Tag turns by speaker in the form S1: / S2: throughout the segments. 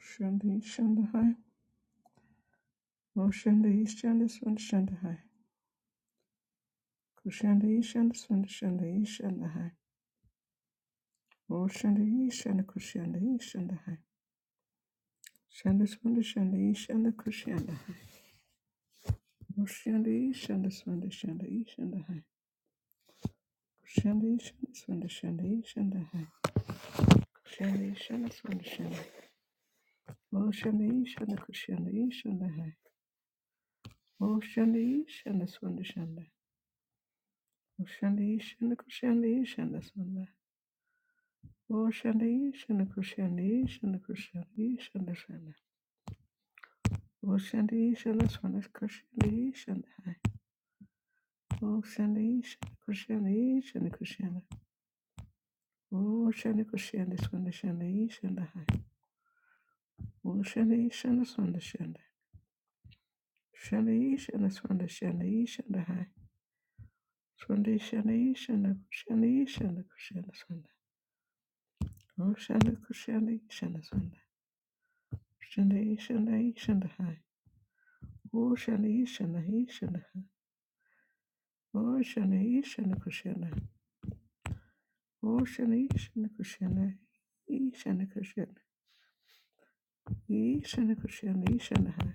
S1: Shanda Shanda Hai. Mo Shanda Shanda Swanda Shanda Hai. Kushanda Shanda Swanda Shanda Shanda Hai. Mo Shanda Shanda Kushanda Shanda Hai. Shanda Swanda Shanda Shanda Kushanda Hai. Mo Shanda Shanda Swanda Shanda Shanda High. Kushanda Shanda Swanda Shanda Shanda Hai. Kushanda Shanda Swanda Shanda. Mo Shanda Shanda Kushanda Shanda Hai. Mo Shanda Shanda Swanda Shanda. Mo Shanda Shanda Kushanda Shanda Swanda. O Shandi, Shana Kushandi, Shana Kushandi, Shanda Shanda. O Shandi, Shana Swana Kushandi, Shanda Hai. O Shandi, Shana Kushandi, Shana Kushanda. O Shandi Kushandi, Swana Shandi, Shanda Hai. O Shandi, Shana Swana Shanda. Shandi, Shana Swana Shandi, Shanda Hai. Swandi, Shandi, Shana Kushandi, Shanda Kushanda Swanda. O Shandi Kushandi, Shana Swanda. Shandi, Shandi, Shanda Hai. O Shandi, Shana Hai, Shanda Hai. Oshana Ishana Kushana Oshana Ishana Kushana Ishana Kushana Ishana Kushana Ishana Hai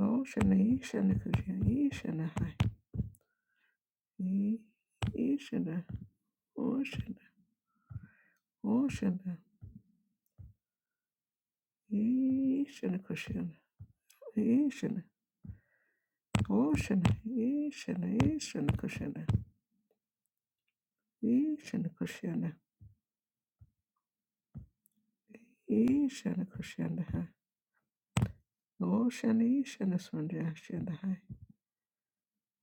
S1: Oshana Ishana Kushana Ishana Hai Ishana Oshana Oshana Ishana Kushana Ishana Oshana Ishana Ishana Kushana Ishana Kushana Ishana Kushana Hai Oshana Ishana Swanja Shana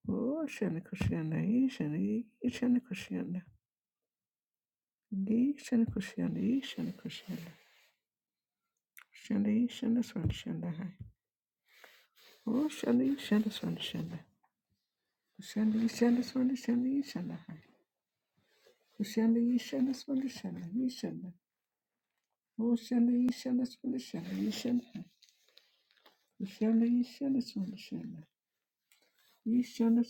S1: Oh, Shani Kushana, Shani, Shani Kushana, Gi Shani Kushana, Shani Kushana, Shani Shana Swan Shana Hai. Oh, Shani Shana Swan Shana, Shani Shana Swan Shani Shana Hai. Shani Shana Swan Shana, Shana. Oh, Shani Shana Swan Shana, Shana Hai. Shani Shana Swan Shana, Shana Swan Shana, Shana Swan Shana Hai. Shani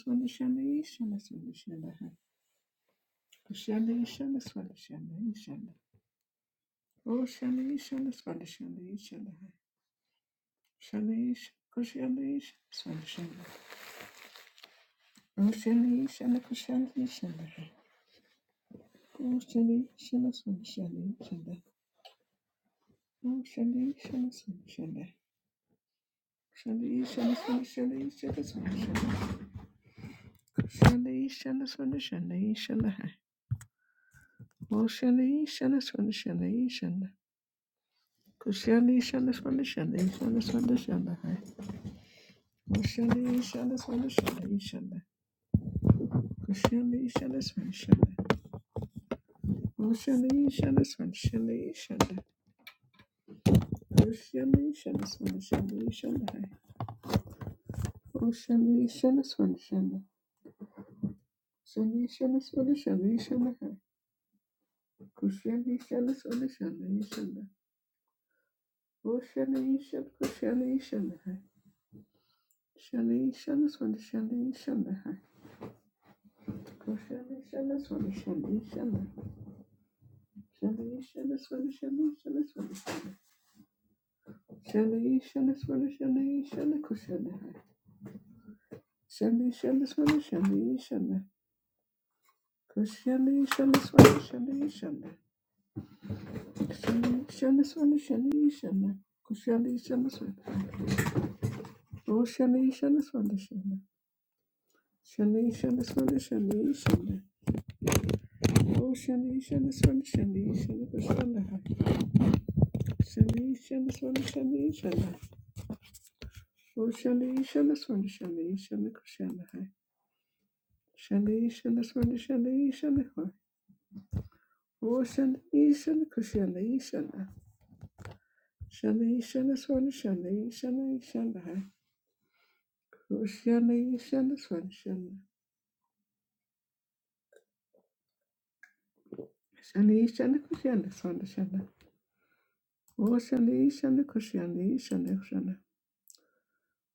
S1: Shana Swan Shana, Shana. Oh, Shani Shana Swan Shana, Shana Hai. Shalish, Kushalish, Sunshine. Ushalish and the Kushalish and the Kushalish and the Sunshine. Ushalish and the Sunshine. Shalish and the Sunshalish and the Sunshine. Kushalish and the Sunshalish and the Ushalish and the Sunshalish and the Kushalish and the Sunshalish and the Sunshine. Ushalish and the Sunshalish and the Kushalish and the Sunshine. Ushalish and the Sunshalish and the Ocean, ocean, ocean, ocean, ocean, ocean, ocean. Ocean, ocean, ocean, ocean. Ocean, ocean, ocean, ocean. Ocean, ocean, ocean, ocean. Ocean, ocean, ocean, ocean. Ocean, ocean, ocean, ocean, ocean. Ocean, ocean, ocean, ocean, ocean. Ocean, ocean, ocean, ocean, ocean. Ocean, ocean, ocean, ocean, ocean. Ocean, Shanda, shanda, swanda, shanda, ee, shanda. Kushanda, ee, Oh, shanda, ee, shanda, swanda, shanda. Shanda, ee, shanda, swanda, Oh, shanda, ee, shanda, swanda, shanda, ee, shanda. Kushanda, ha. Shanda, ee, Oh, shanda, ee, shanda, swanda, shanda, ee, shanda. Kushanda, ha. Shanda, ee, Oh, shanda, ee, shanda, kushanda, ee, shanda. Shanda, ee, shanda, swanda, shanda, ee, shanda, ee, Oh, Kuşandı, işandı, kuşandı, sondu, şandı. O şandı, işandı, kuşandı, işandı, kuşandı.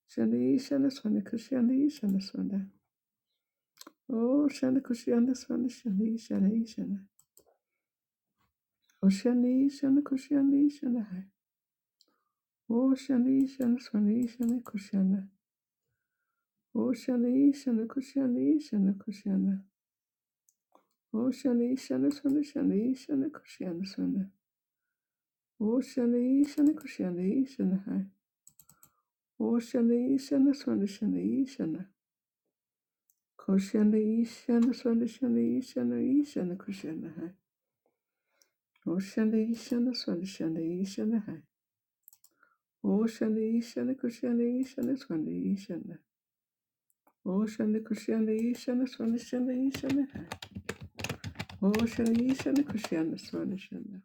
S1: Şandı, işandı, sondu, kuşandı, işandı, sondu. O şandı, kuşandı, sondu, şandı, işandı, işandı. O şandı, işandı, kuşandı, işandı. O şandı, işandı, sondu, işandı, kuşandı. O şandı, işandı, kuşandı, işandı, kuşandı. O şandı, işandı, sondu, şandı, işandı, kuşandı, sondu. O şandı, işandı, kuşandı, işandı. O şandı, işandı, sondu, şandı, işandı. Koshanda Ishanda Swanda Shanda Ishanda Ishanda Koshanda Hai. Oshanda Ishanda Swanda Shanda Ishanda Hai. Oshanda Ishanda Koshanda Ishanda Swanda Ishanda. Oshanda Koshanda Ishanda Swanda Shanda Ishanda Hai. Oshanda Ishanda Koshanda Swanda Shanda.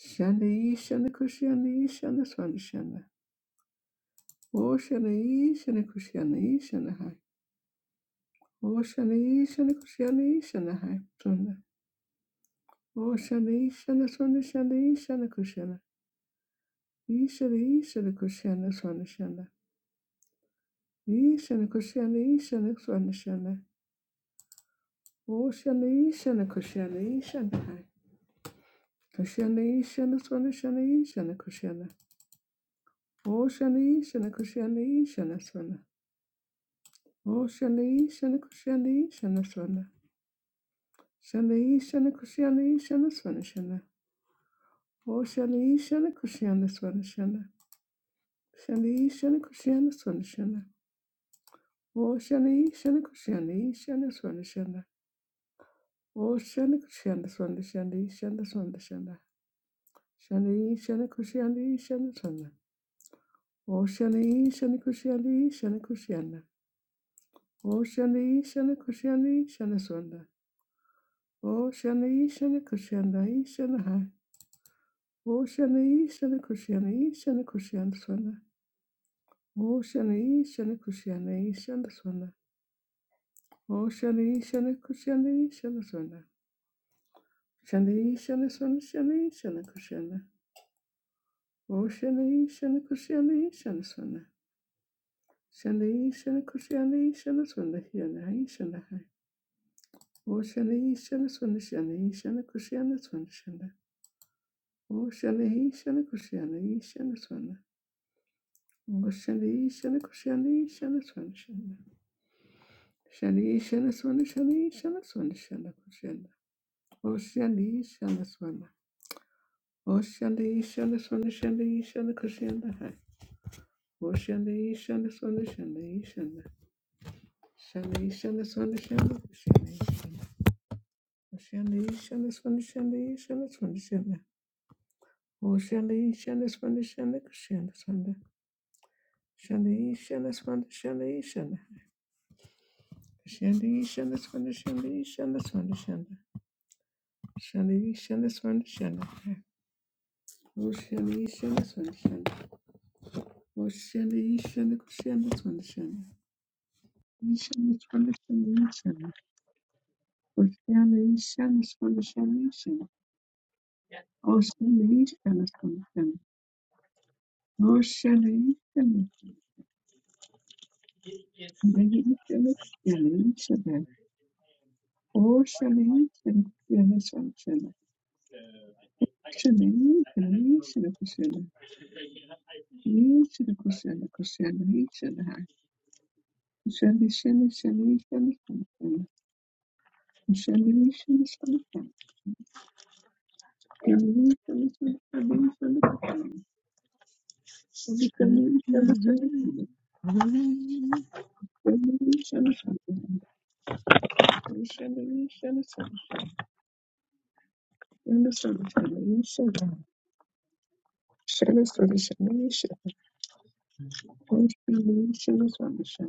S1: Shanda Ishanda Koshanda Ishanda Swanda Shanda. Oshanda Ishanda Koshanda Ishanda Hai. Oshanda Ishanda Koshanda Ishanda Hai. Swanda. Oshanda Ishanda Swanda Shanda Ishanda Ishana, Ishana, Kushana, Swana, Shana. Ishana, Kushana, Ishana, Swana, Shana. Oshana, Ishana, Kushana, Ishana. Hai. Kushana, Ishana, Swana, Shana, Ishana, Kushana. Oshana, Ishana, Kushana, Ishana, Swana. Oshana, Ishana, Kushana, Ishana, Swana. Shana, Ishana, Kushana, Ishana, Swana, Shana. Oshana, Ishana, Kushana, Swana, Shana. Shana, Ishana, Kushana, Swana, Shana. Oshana, Ishana, Kushana, Ishana, Swana, Shana. Oh, shanda kushanda swanda shanda ee, shanda swanda shanda. Shanda ee, shanda kushanda ee, shanda swanda. Oh, shanda ee, shanda kushanda ee, shanda kushanda. Oh, shanda ee, shanda kushanda ee, shanda swanda. Oh, shanda ee, shanda kushanda ee, shanda hai. Oh, shanda ee, shanda kushanda ee, shanda kushanda swanda. Oh, shanda ee, shanda kushanda ee, shanda swanda. Oh, shanda ee, shanda kushanda ee, shanda swanda. Shanda ee, shanda swanda shanda ee, shanda kushanda. O Shani Shana Kushani Shana Swana. Shani Shana Kushani Shana Swana Hyana Hai Shana Hai. O Shani Shana Swana Shani Shana Kushana Swana Shana. O Shani Shana Kushani Shana Swana. O Shani Shana Kushani Shana Swana Shana. Shani Shana Swana Shani Shana Swana Shana Kushana. O Shani Shana Swana. O Shani Shana Swana Shani Shana Kushana Hai. O Shani Shana Swana Shani Shana. Shani, shani, shani, shani, shani, shani, shani, shani, shani, shani, shani, shani. Oh, shani, shani, shani, shani, shani, shani. Shani, shani, shani, shani, shani. Shani, shani, shani, shani, shani, shani, shani. Shani, shani, shani, shani. Oh, shani, shani, shani, shani. Oh, shani, shani, shani, shani, shani. Shani, shani, shani, shani. Oh, shani, shani, shani, shani, shani. Oh, shani, shani, shani, shani. O Shelley, Shelley, Shelley, Shelley, Shelley, Shelley. O Shelley, Shelley, Shelley, Shelley, Shelley. Shelley, Shelley, Shelley, Shelley. Shelley, Shelley, Shelley, Shelley, Shelley. Shelley, Shelley, Shelley, Shelley, Shelley. Shelley, Shelley, Shelley, Shelley. Shelley, Shelley, Shelley, Shelley, Shelley, Shelley. Shelley, Shelley, Shelley, Shelley, Shelley. Shelley, Shelley, Shelley. Shelley,
S2: Back
S1: Shelley, Shelley, Shelley. Shelley, Shelley, Shelley, Shelley. Shelley, Shelley, Shelley, Shelley. Oh, I love you so much.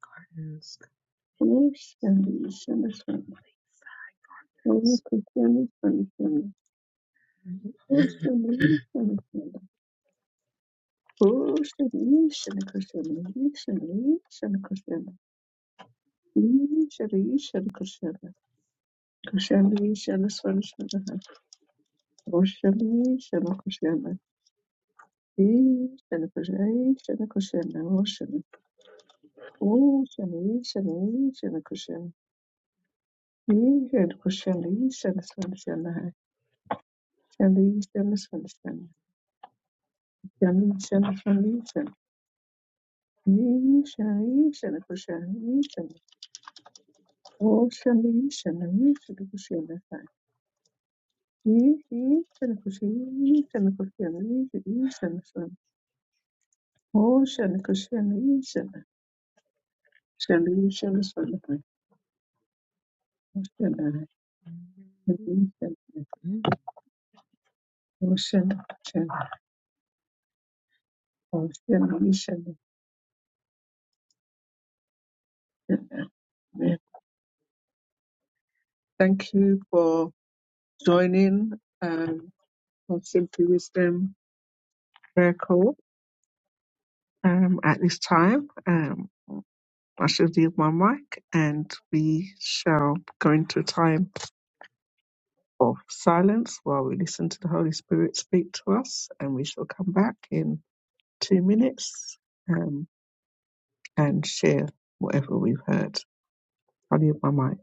S2: gardens.
S1: Ishara, ishara, kushara, kushara, ishara, swara, shara, hai. Oshara, ishara, kushara, ishara, kushara, ishara, kushara, oshara. Oshara, ishara, ishara, kushara, ishara, kushara, ishara, swara, shara, hai. Shara, ishara, swara, shara, shara, ishara, swara, ishara. Ishara, ishara, kushara, ishara. Oshara, ishara, ishara, kushara, hai. Ishara, kushara, ishara, kushara, ishara, swara, Oh, şöyle kız şöyle şöyle şöyle şöyle şöyle
S2: good.
S1: Oh, şöyle şöyle şöyle Oh, şöyle şöyle Oh, şöyle şöyle şöyle. Thank you for joining um, of Simply Wisdom Prayer Call um, at this time. Um, I shall yield my mic and we shall go into a time of silence while we listen to the Holy Spirit speak to us and we shall come back in two minutes. Um, and share whatever we've heard. I'll leave my mic.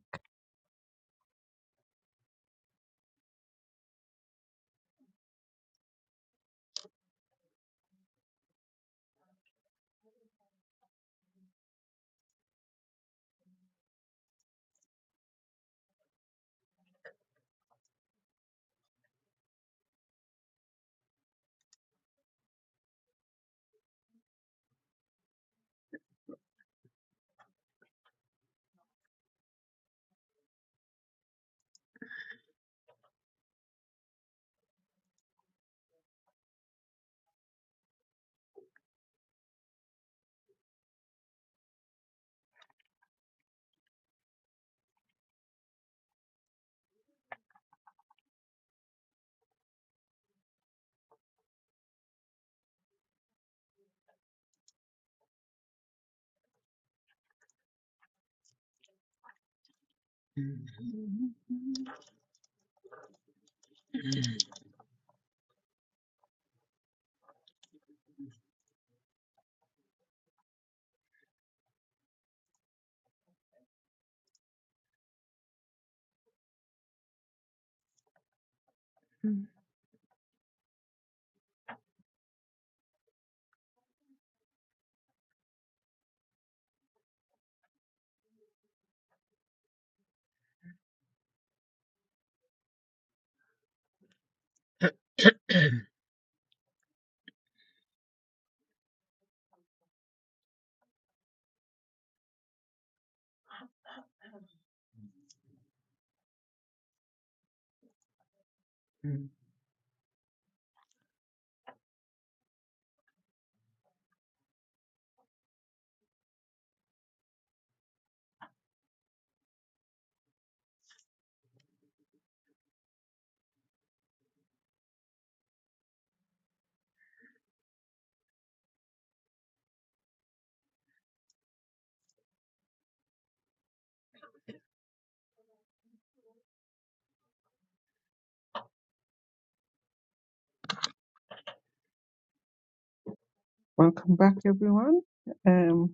S1: Welcome back, everyone. Um,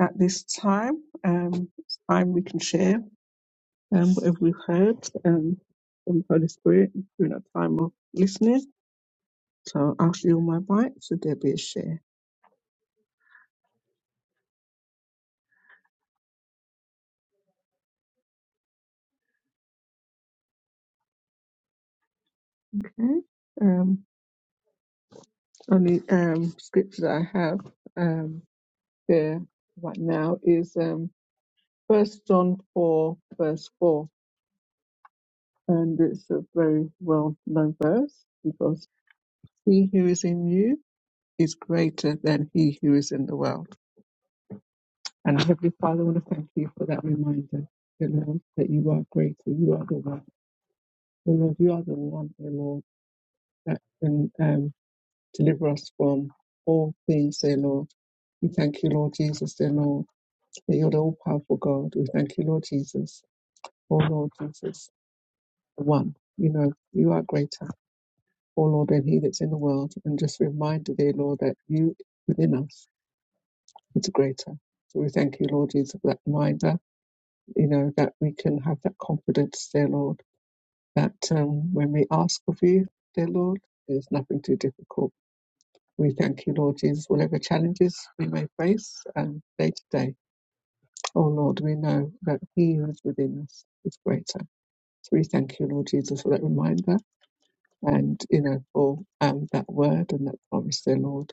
S1: at this time, um, it's time we can share um, whatever we've heard um, from the Holy Spirit during our time of listening. So I'll shield my mic. So there be a share. Okay. Um, only um, scripture that I have um, there right now is um, 1 John 4, verse 4. And it's a very well known verse because He who is in you is greater than he who is in the world. And Heavenly Father, I want to thank you for that reminder, dear Lord, that you are greater. You are the one. Dear Lord, you are the one, dear Lord, that can um, deliver us from all things, dear Lord. We thank you, Lord Jesus, dear Lord, that you're the all powerful God. We thank you, Lord Jesus. Oh, Lord Jesus, the one. You know, you are greater, oh Lord, than he that's in the world. And just a reminder, dear Lord, that you within us. it's greater. So we thank you, Lord Jesus, for that reminder, you know, that we can have that confidence, dear Lord, that um, when we ask of you, dear Lord, there's nothing too difficult. We thank you, Lord Jesus, whatever challenges we may face um, day to day. Oh Lord, we know that He who is within us is greater. So we thank you, Lord Jesus, for that reminder and, you know, for um, that word and that promise, dear Lord,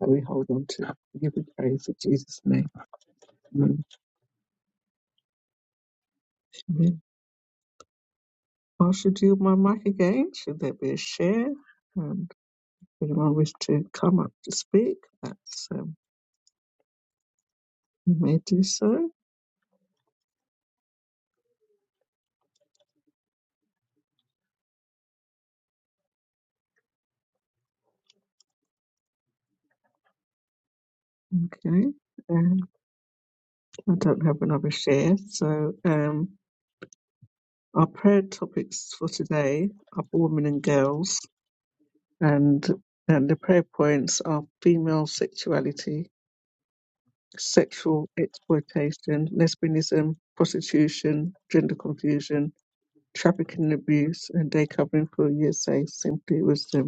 S1: that we hold on to. We give you praise in Jesus' name. Amen. How should you my mic again? Should there be a share? And if anyone wish to come up to speak, that's um, you may do so. Okay. Um, I don't have another share, so um, our prayer topics for today are for women and girls, and and the prayer points are female sexuality, sexual exploitation, lesbianism, prostitution, gender confusion, trafficking and abuse, and day covering for USA Simply Wisdom.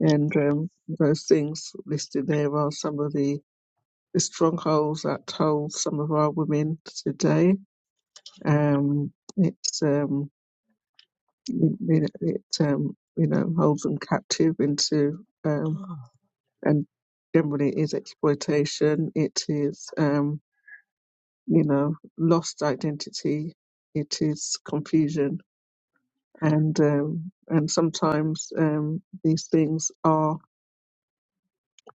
S1: And um, those things listed there are some of the, the strongholds that hold some of our women today. Um, it's um, you know, it um, you know holds them captive into um, and generally is exploitation. It is um, you know lost identity. It is confusion and um, and sometimes um, these things are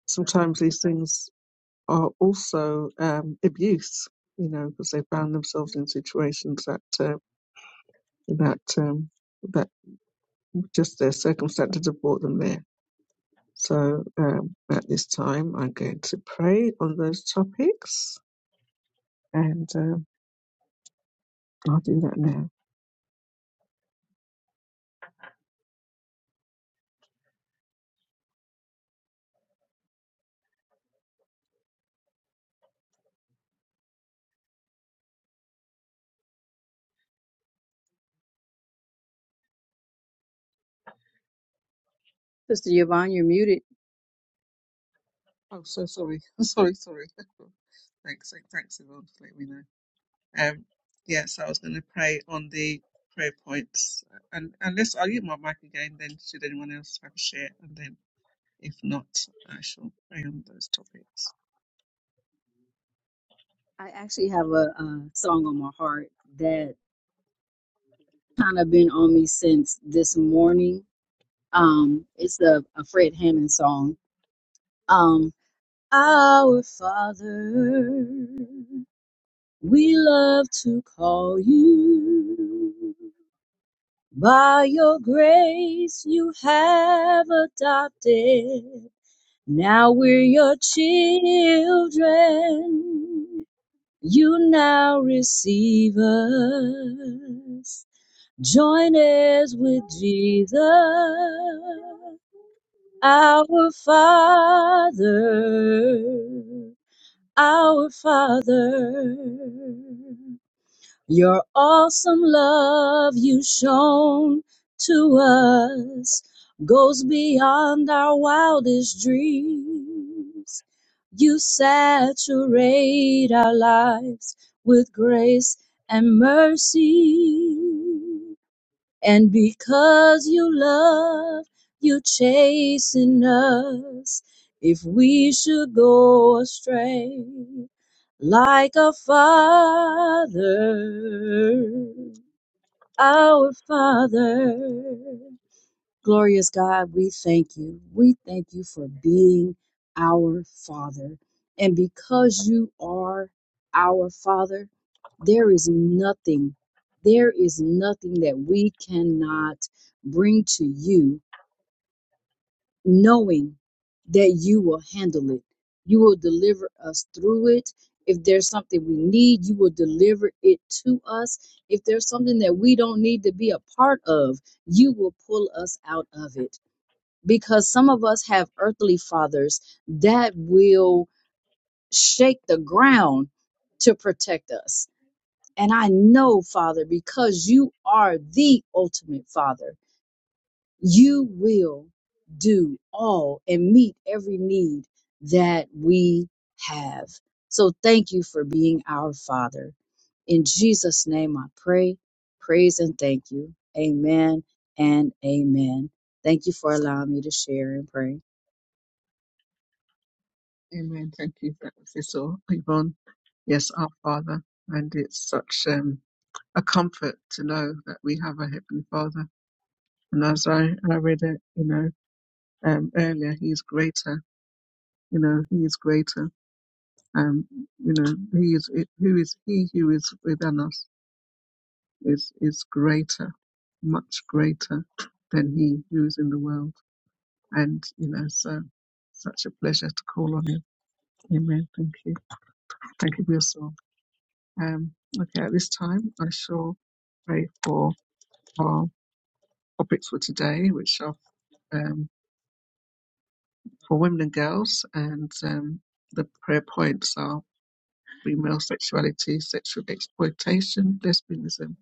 S1: sometimes these things are also um, abuse, you know, because they found themselves in situations that uh, that um, that just their circumstances have brought them there. So um, at this time, I'm going to pray on those topics, and um I'll do that now.
S3: Sister Yvonne, you're muted.
S1: Oh, so sorry, sorry, sorry. thanks, thanks, Yvonne, for letting me know. Um, yeah, so I was going to pray on the prayer points, and unless I'll use my mic again, then should anyone else have a share, and then. If not, I shall pray on those topics.
S3: I actually have a, uh song on my heart that kind of been on me since this morning. Um, it's a, a Fred Hammond song. Um, Our Father, we love to call you. By your grace, you have adopted. Now we're your children. you now receive us. Join us with Jesus, our Father, our Father. Your awesome love you shown to us goes beyond our wildest dreams. You saturate our lives with grace and mercy. And because you love, you chasing us. If we should go astray, like a father, our father. Glorious God, we thank you. We thank you for being our Father. And because you are our Father, there is nothing, there is nothing that we cannot bring to you, knowing that you will handle it. You will deliver us through it. If there's something we need, you will deliver it to us. If there's something that we don't need to be a part of, you will pull us out of it because some of us have earthly fathers that will shake the ground to protect us. And I know, Father, because you are the ultimate Father, you will do all and meet every need that we have. So thank you for being our Father. In Jesus' name I pray, praise, and thank you. Amen and amen. Thank you for allowing me to share and pray.
S1: Amen. Thank you for that, Cecil. Yvonne, yes, our Father. And it's such um, a comfort to know that we have a Heavenly Father. And as I, I read it, you know, um, earlier, He is greater. You know, He is greater. Um, you know, He is who is He who is within us is is greater, much greater than He who is in the world. And you know, so such a pleasure to call on Him Amen. Thank you. Thank you for your song. Um, okay, at this time, I shall pray for our topics for today, which are um, for women and girls, and um, the prayer points are female sexuality, sexual exploitation, lesbianism,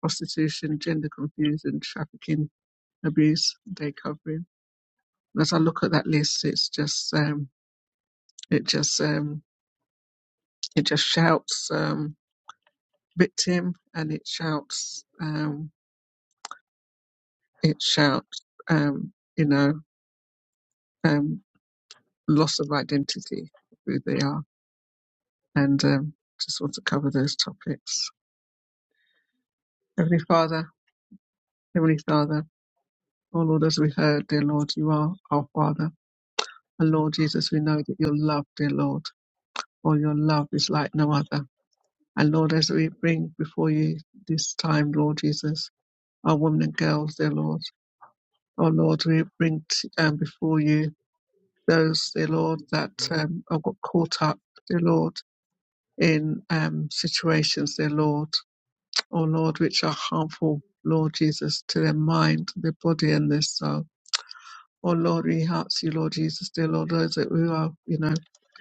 S1: prostitution, gender confusion, trafficking, abuse, day covering. And As I look at that list, it's just um, it just um, it just shouts um, victim and it shouts. um, it shouts, um, you know, um, loss of identity, who they are, and um, just want to cover those topics. Heavenly Father, Heavenly Father, oh Lord, as we heard, dear Lord, you are our Father. And Lord Jesus, we know that your love, dear Lord, or your love is like no other. And Lord, as we bring before you this time, Lord Jesus, our women and girls, dear Lord, oh Lord, we bring t- um, before you those, dear Lord, that um, have got caught up, dear Lord. in um, situations, dear Lord. Oh Lord, which are harmful, Lord Jesus, to their mind, their body, and their soul. Oh Lord, we ask you, Lord Jesus, dear Lord, those that we are, you know,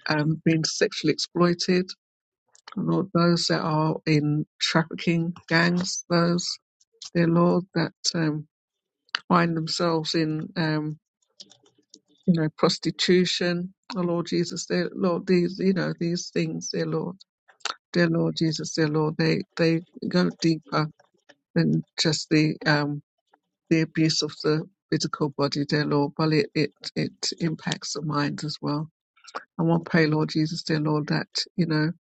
S1: um, being sexually exploited, Lord, those that are in trafficking gangs, those, dear Lord, that um, find themselves in, um, you know, prostitution. Oh Lord Jesus, dear Lord, these, you know, these things, dear Lord, dear Lord Jesus, dear Lord, they, they go deeper Than just the um the abuse of the physical body, dear Lord, but it it, it impacts the mind as well. And we will pray, Lord Jesus, dear Lord, that you know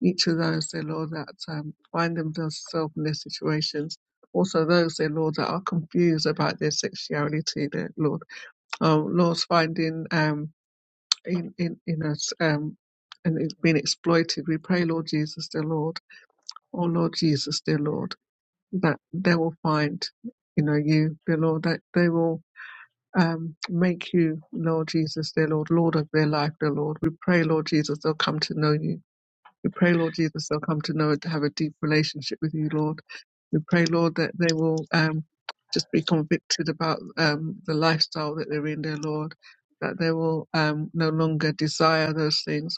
S1: each of those, dear Lord, that um, find themselves in their situations. Also, those, dear Lord, that are confused about their sexuality, dear Lord, um, Lord's finding um in in in us um and it's been exploited. We pray, Lord Jesus, dear Lord, oh Lord Jesus, dear Lord that they will find, you know, you, dear Lord, that they will um, make you, Lord Jesus, their Lord, Lord of their life, dear Lord. We pray, Lord Jesus, they'll come to know you. We pray, Lord Jesus, they'll come to know to have a deep relationship with you, Lord. We pray, Lord, that they will um, just be convicted about um, the lifestyle that they're in, dear Lord, that they will um, no longer desire those things.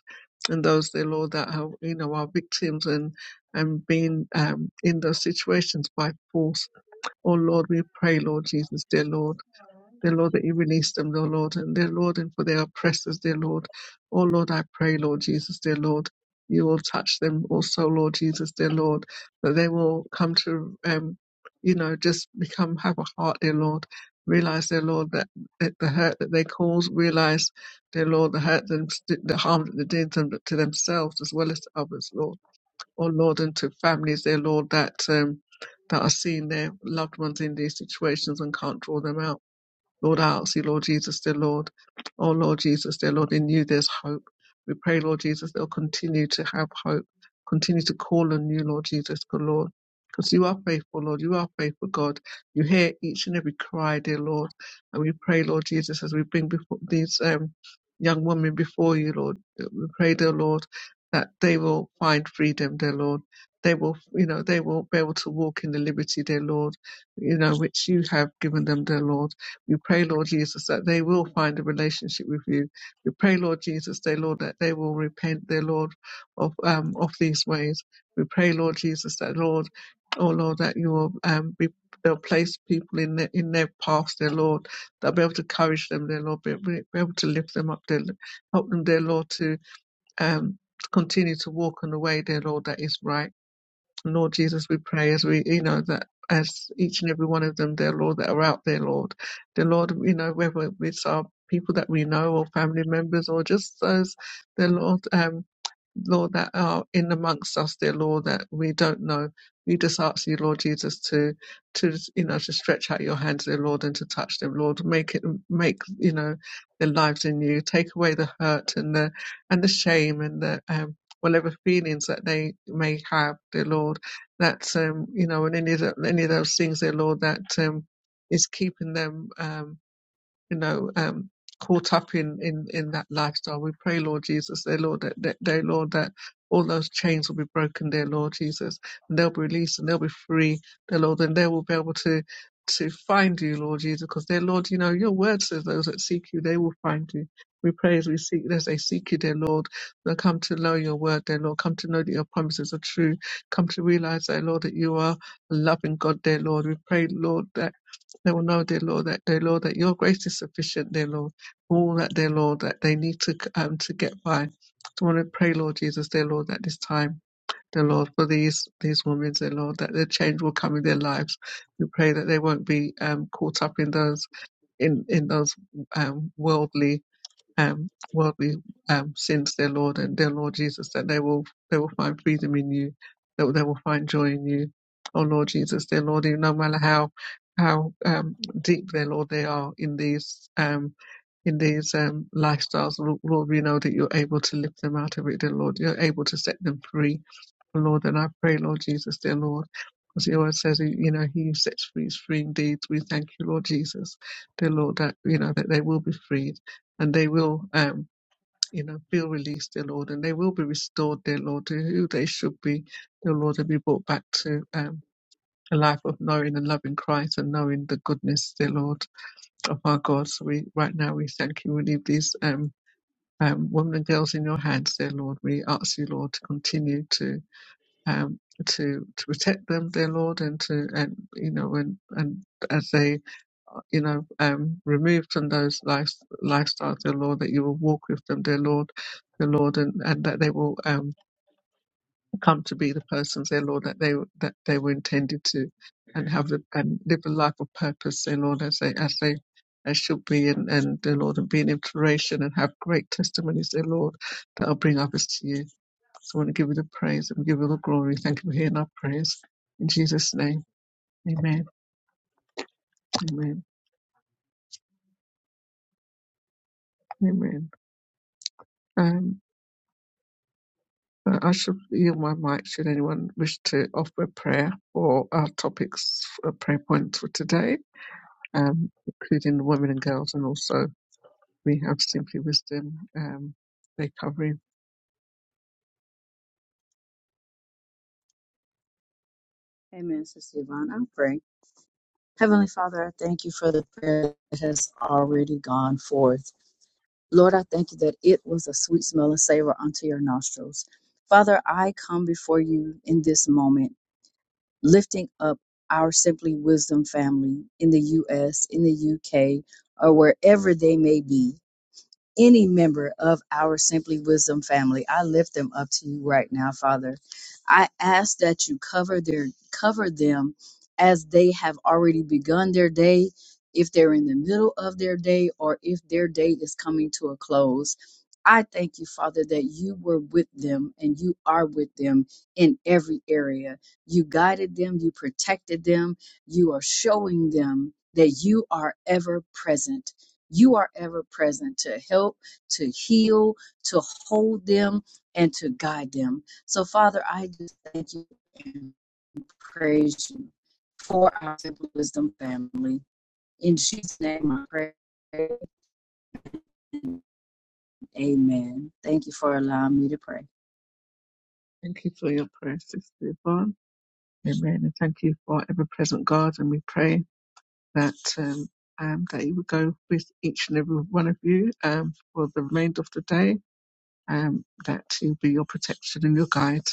S1: And those, dear Lord, that are, you know, are victims and, and being um, in those situations by force O Lord, we pray, Lord Jesus, dear Lord, dear Lord, that you release them, dear Lord, and dear Lord, and for their oppressors, dear Lord. O Lord, I pray, Lord Jesus, dear Lord, you will touch them also, Lord Jesus, dear Lord, that they will come to, um, you know, just become, have a heart, dear Lord. Realize, dear Lord, that, that the hurt that they cause, realize, dear Lord, the hurt, them, the harm that they did them, to themselves as well as to others, Lord oh Lord, and to families there, Lord, that um, that are seeing their loved ones in these situations and can't draw them out. Lord, I ask you, Lord Jesus, dear Lord. Oh, Lord Jesus, dear Lord, in you there's hope. We pray, Lord Jesus, they'll continue to have hope. Continue to call on you, Lord Jesus, good Lord. Because you are faithful, Lord. You are faithful, God. You hear each and every cry, dear Lord. And we pray, Lord Jesus, as we bring before these um, young women before you, Lord. We pray, dear Lord, that they will find freedom, dear Lord. They will, you know, they will be able to walk in the liberty, dear Lord, you know, which you have given them, dear Lord. We pray, Lord Jesus, that they will find a relationship with you. We pray, Lord Jesus, dear Lord, that they will repent, dear Lord, of um, of these ways. We pray, Lord Jesus, that Lord, oh Lord, that you will um, be They'll place people in their, in their paths, dear Lord. They'll be able to encourage them, dear Lord. Be, be able to lift them up, dear, help them, dear Lord, to um, continue to walk in the way, dear Lord, that is right Lord Jesus, we pray as we, you know, that as each and every one of them, dear Lord, that are out there, Lord, dear Lord, you know, whether it's our people that we know or family members or just those, dear Lord, um, Lord, that are in amongst us, dear Lord, that we don't know. We just ask you, Lord Jesus, to to you know to stretch out your hands, dear Lord, and to touch them, Lord. Make it make you know their lives in you. Take away the hurt and the and the shame and the um, whatever feelings that they may have, dear Lord. That um, you know, and any of the, any of those things, dear Lord, that um, is keeping them. Um, you know, um, caught up in, in, in that lifestyle. We pray, Lord Jesus, dear Lord, that, that, dear Lord, that all those chains will be broken, dear Lord Jesus, and they'll be released and they'll be free, dear Lord, and they will be able to, to find you, Lord Jesus, because dear Lord, you know, your word says those that seek you, they will find you. We pray as we seek, as they seek you, dear Lord. They'll come to know your word, dear Lord. Come to know that your promises are true. Come to realize, dear Lord, that you are a loving God, dear Lord. We pray, Lord, that they will know, dear Lord, that dear Lord, that Your grace is sufficient, dear Lord, all that, dear Lord, that they need to um to get by. So I want to pray, Lord Jesus, dear Lord, that this time, dear Lord, for these these women, dear Lord, that the change will come in their lives. We pray that they won't be um caught up in those in in those um worldly um, worldly um, sins, dear Lord, and dear Lord Jesus, that they will they will find freedom in you, that they will find joy in you. Oh Lord Jesus, dear Lord, you- no matter how how um, deep, dear Lord, they are in these um, in these um, lifestyles, Lord, we know that you're able to lift them out of it, dear Lord. You're able to set them free Lord, and I pray, Lord Jesus, dear Lord, because your word says, you know, he who sets free is free indeed. We thank you, Lord Jesus, dear Lord, that, you know, that they will be freed and they will, um, you know, feel released, dear Lord, and they will be restored, dear Lord, to who they should be, dear Lord, and be brought back to, um, a life of knowing and loving Christ and knowing the goodness, dear Lord, of our God. So we, right now, we thank you. We leave these, um, um, women and girls in your hands, dear Lord. We ask you, Lord, to continue to um, to to protect them, dear Lord, and to and you know and and as they you know um, remove from those life, lifestyles, dear Lord, that you will walk with them, dear Lord, dear Lord, and and that they will um, come to be the persons, dear Lord, that they that they were intended to, and have the, and live a life of purpose, dear Lord, as they as they. As should be, and, and dear Lord, and be an inspiration and have great testimonies, dear Lord, that will bring others to you. So I want to give you the praise and give you the glory. Thank you for hearing our prayers. In Jesus' name, amen, amen, amen. Um, uh, I should yield my mic should anyone wish to offer a prayer for our topics, uh, prayer points for today, um, including the women and girls, and also we have Simply Wisdom, um, they covering.
S3: Amen, Sister Yvonne. I'm praying. Heavenly Father, I thank you for the prayer that has already gone forth. Lord, I thank you that it was a sweet smell and savor unto your nostrils. Father, I come before you in this moment, lifting up our Simply Wisdom family in the U.S., in the U.K., or wherever they may be any member of our Simply Wisdom family. I lift them up to you right now, Father. I ask that you cover their cover them as they have already begun their day, if they're in the middle of their day or if their day is coming to a close. I thank you, Father, that you were with them and you are with them in every area. You guided them, you protected them, you are showing them that you are ever present you are ever present to help, to heal, to hold them, and to guide them. So, Father, I just thank you and praise you for our Simple Wisdom family. In Jesus' name I pray. Amen. Thank you for allowing me to pray.
S1: Thank you for your prayers, Sister Yvonne. Amen. And thank you for ever present God. And we pray that um, um, that He would go with each and every one of you um, for the remainder of the day. Um, that He'll be your protection and your guide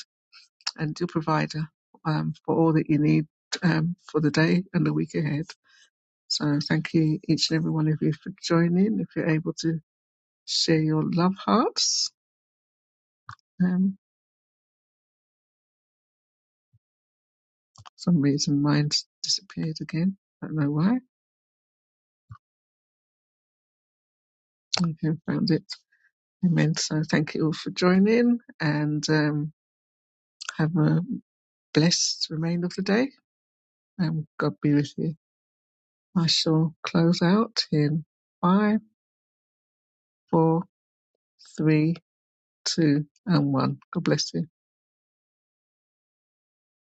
S1: and your provider um, for all that you need um, for the day and the week ahead. So thank you, each and every one of you, for joining. If you're able to share your love hearts. Um, for some reason mine's disappeared again. I don't know why. Okay, found it. Amen. So thank you all for joining and um, have a blessed remainder of the day and God be with you. I shall close out in five, four, three, two, and one. God bless you.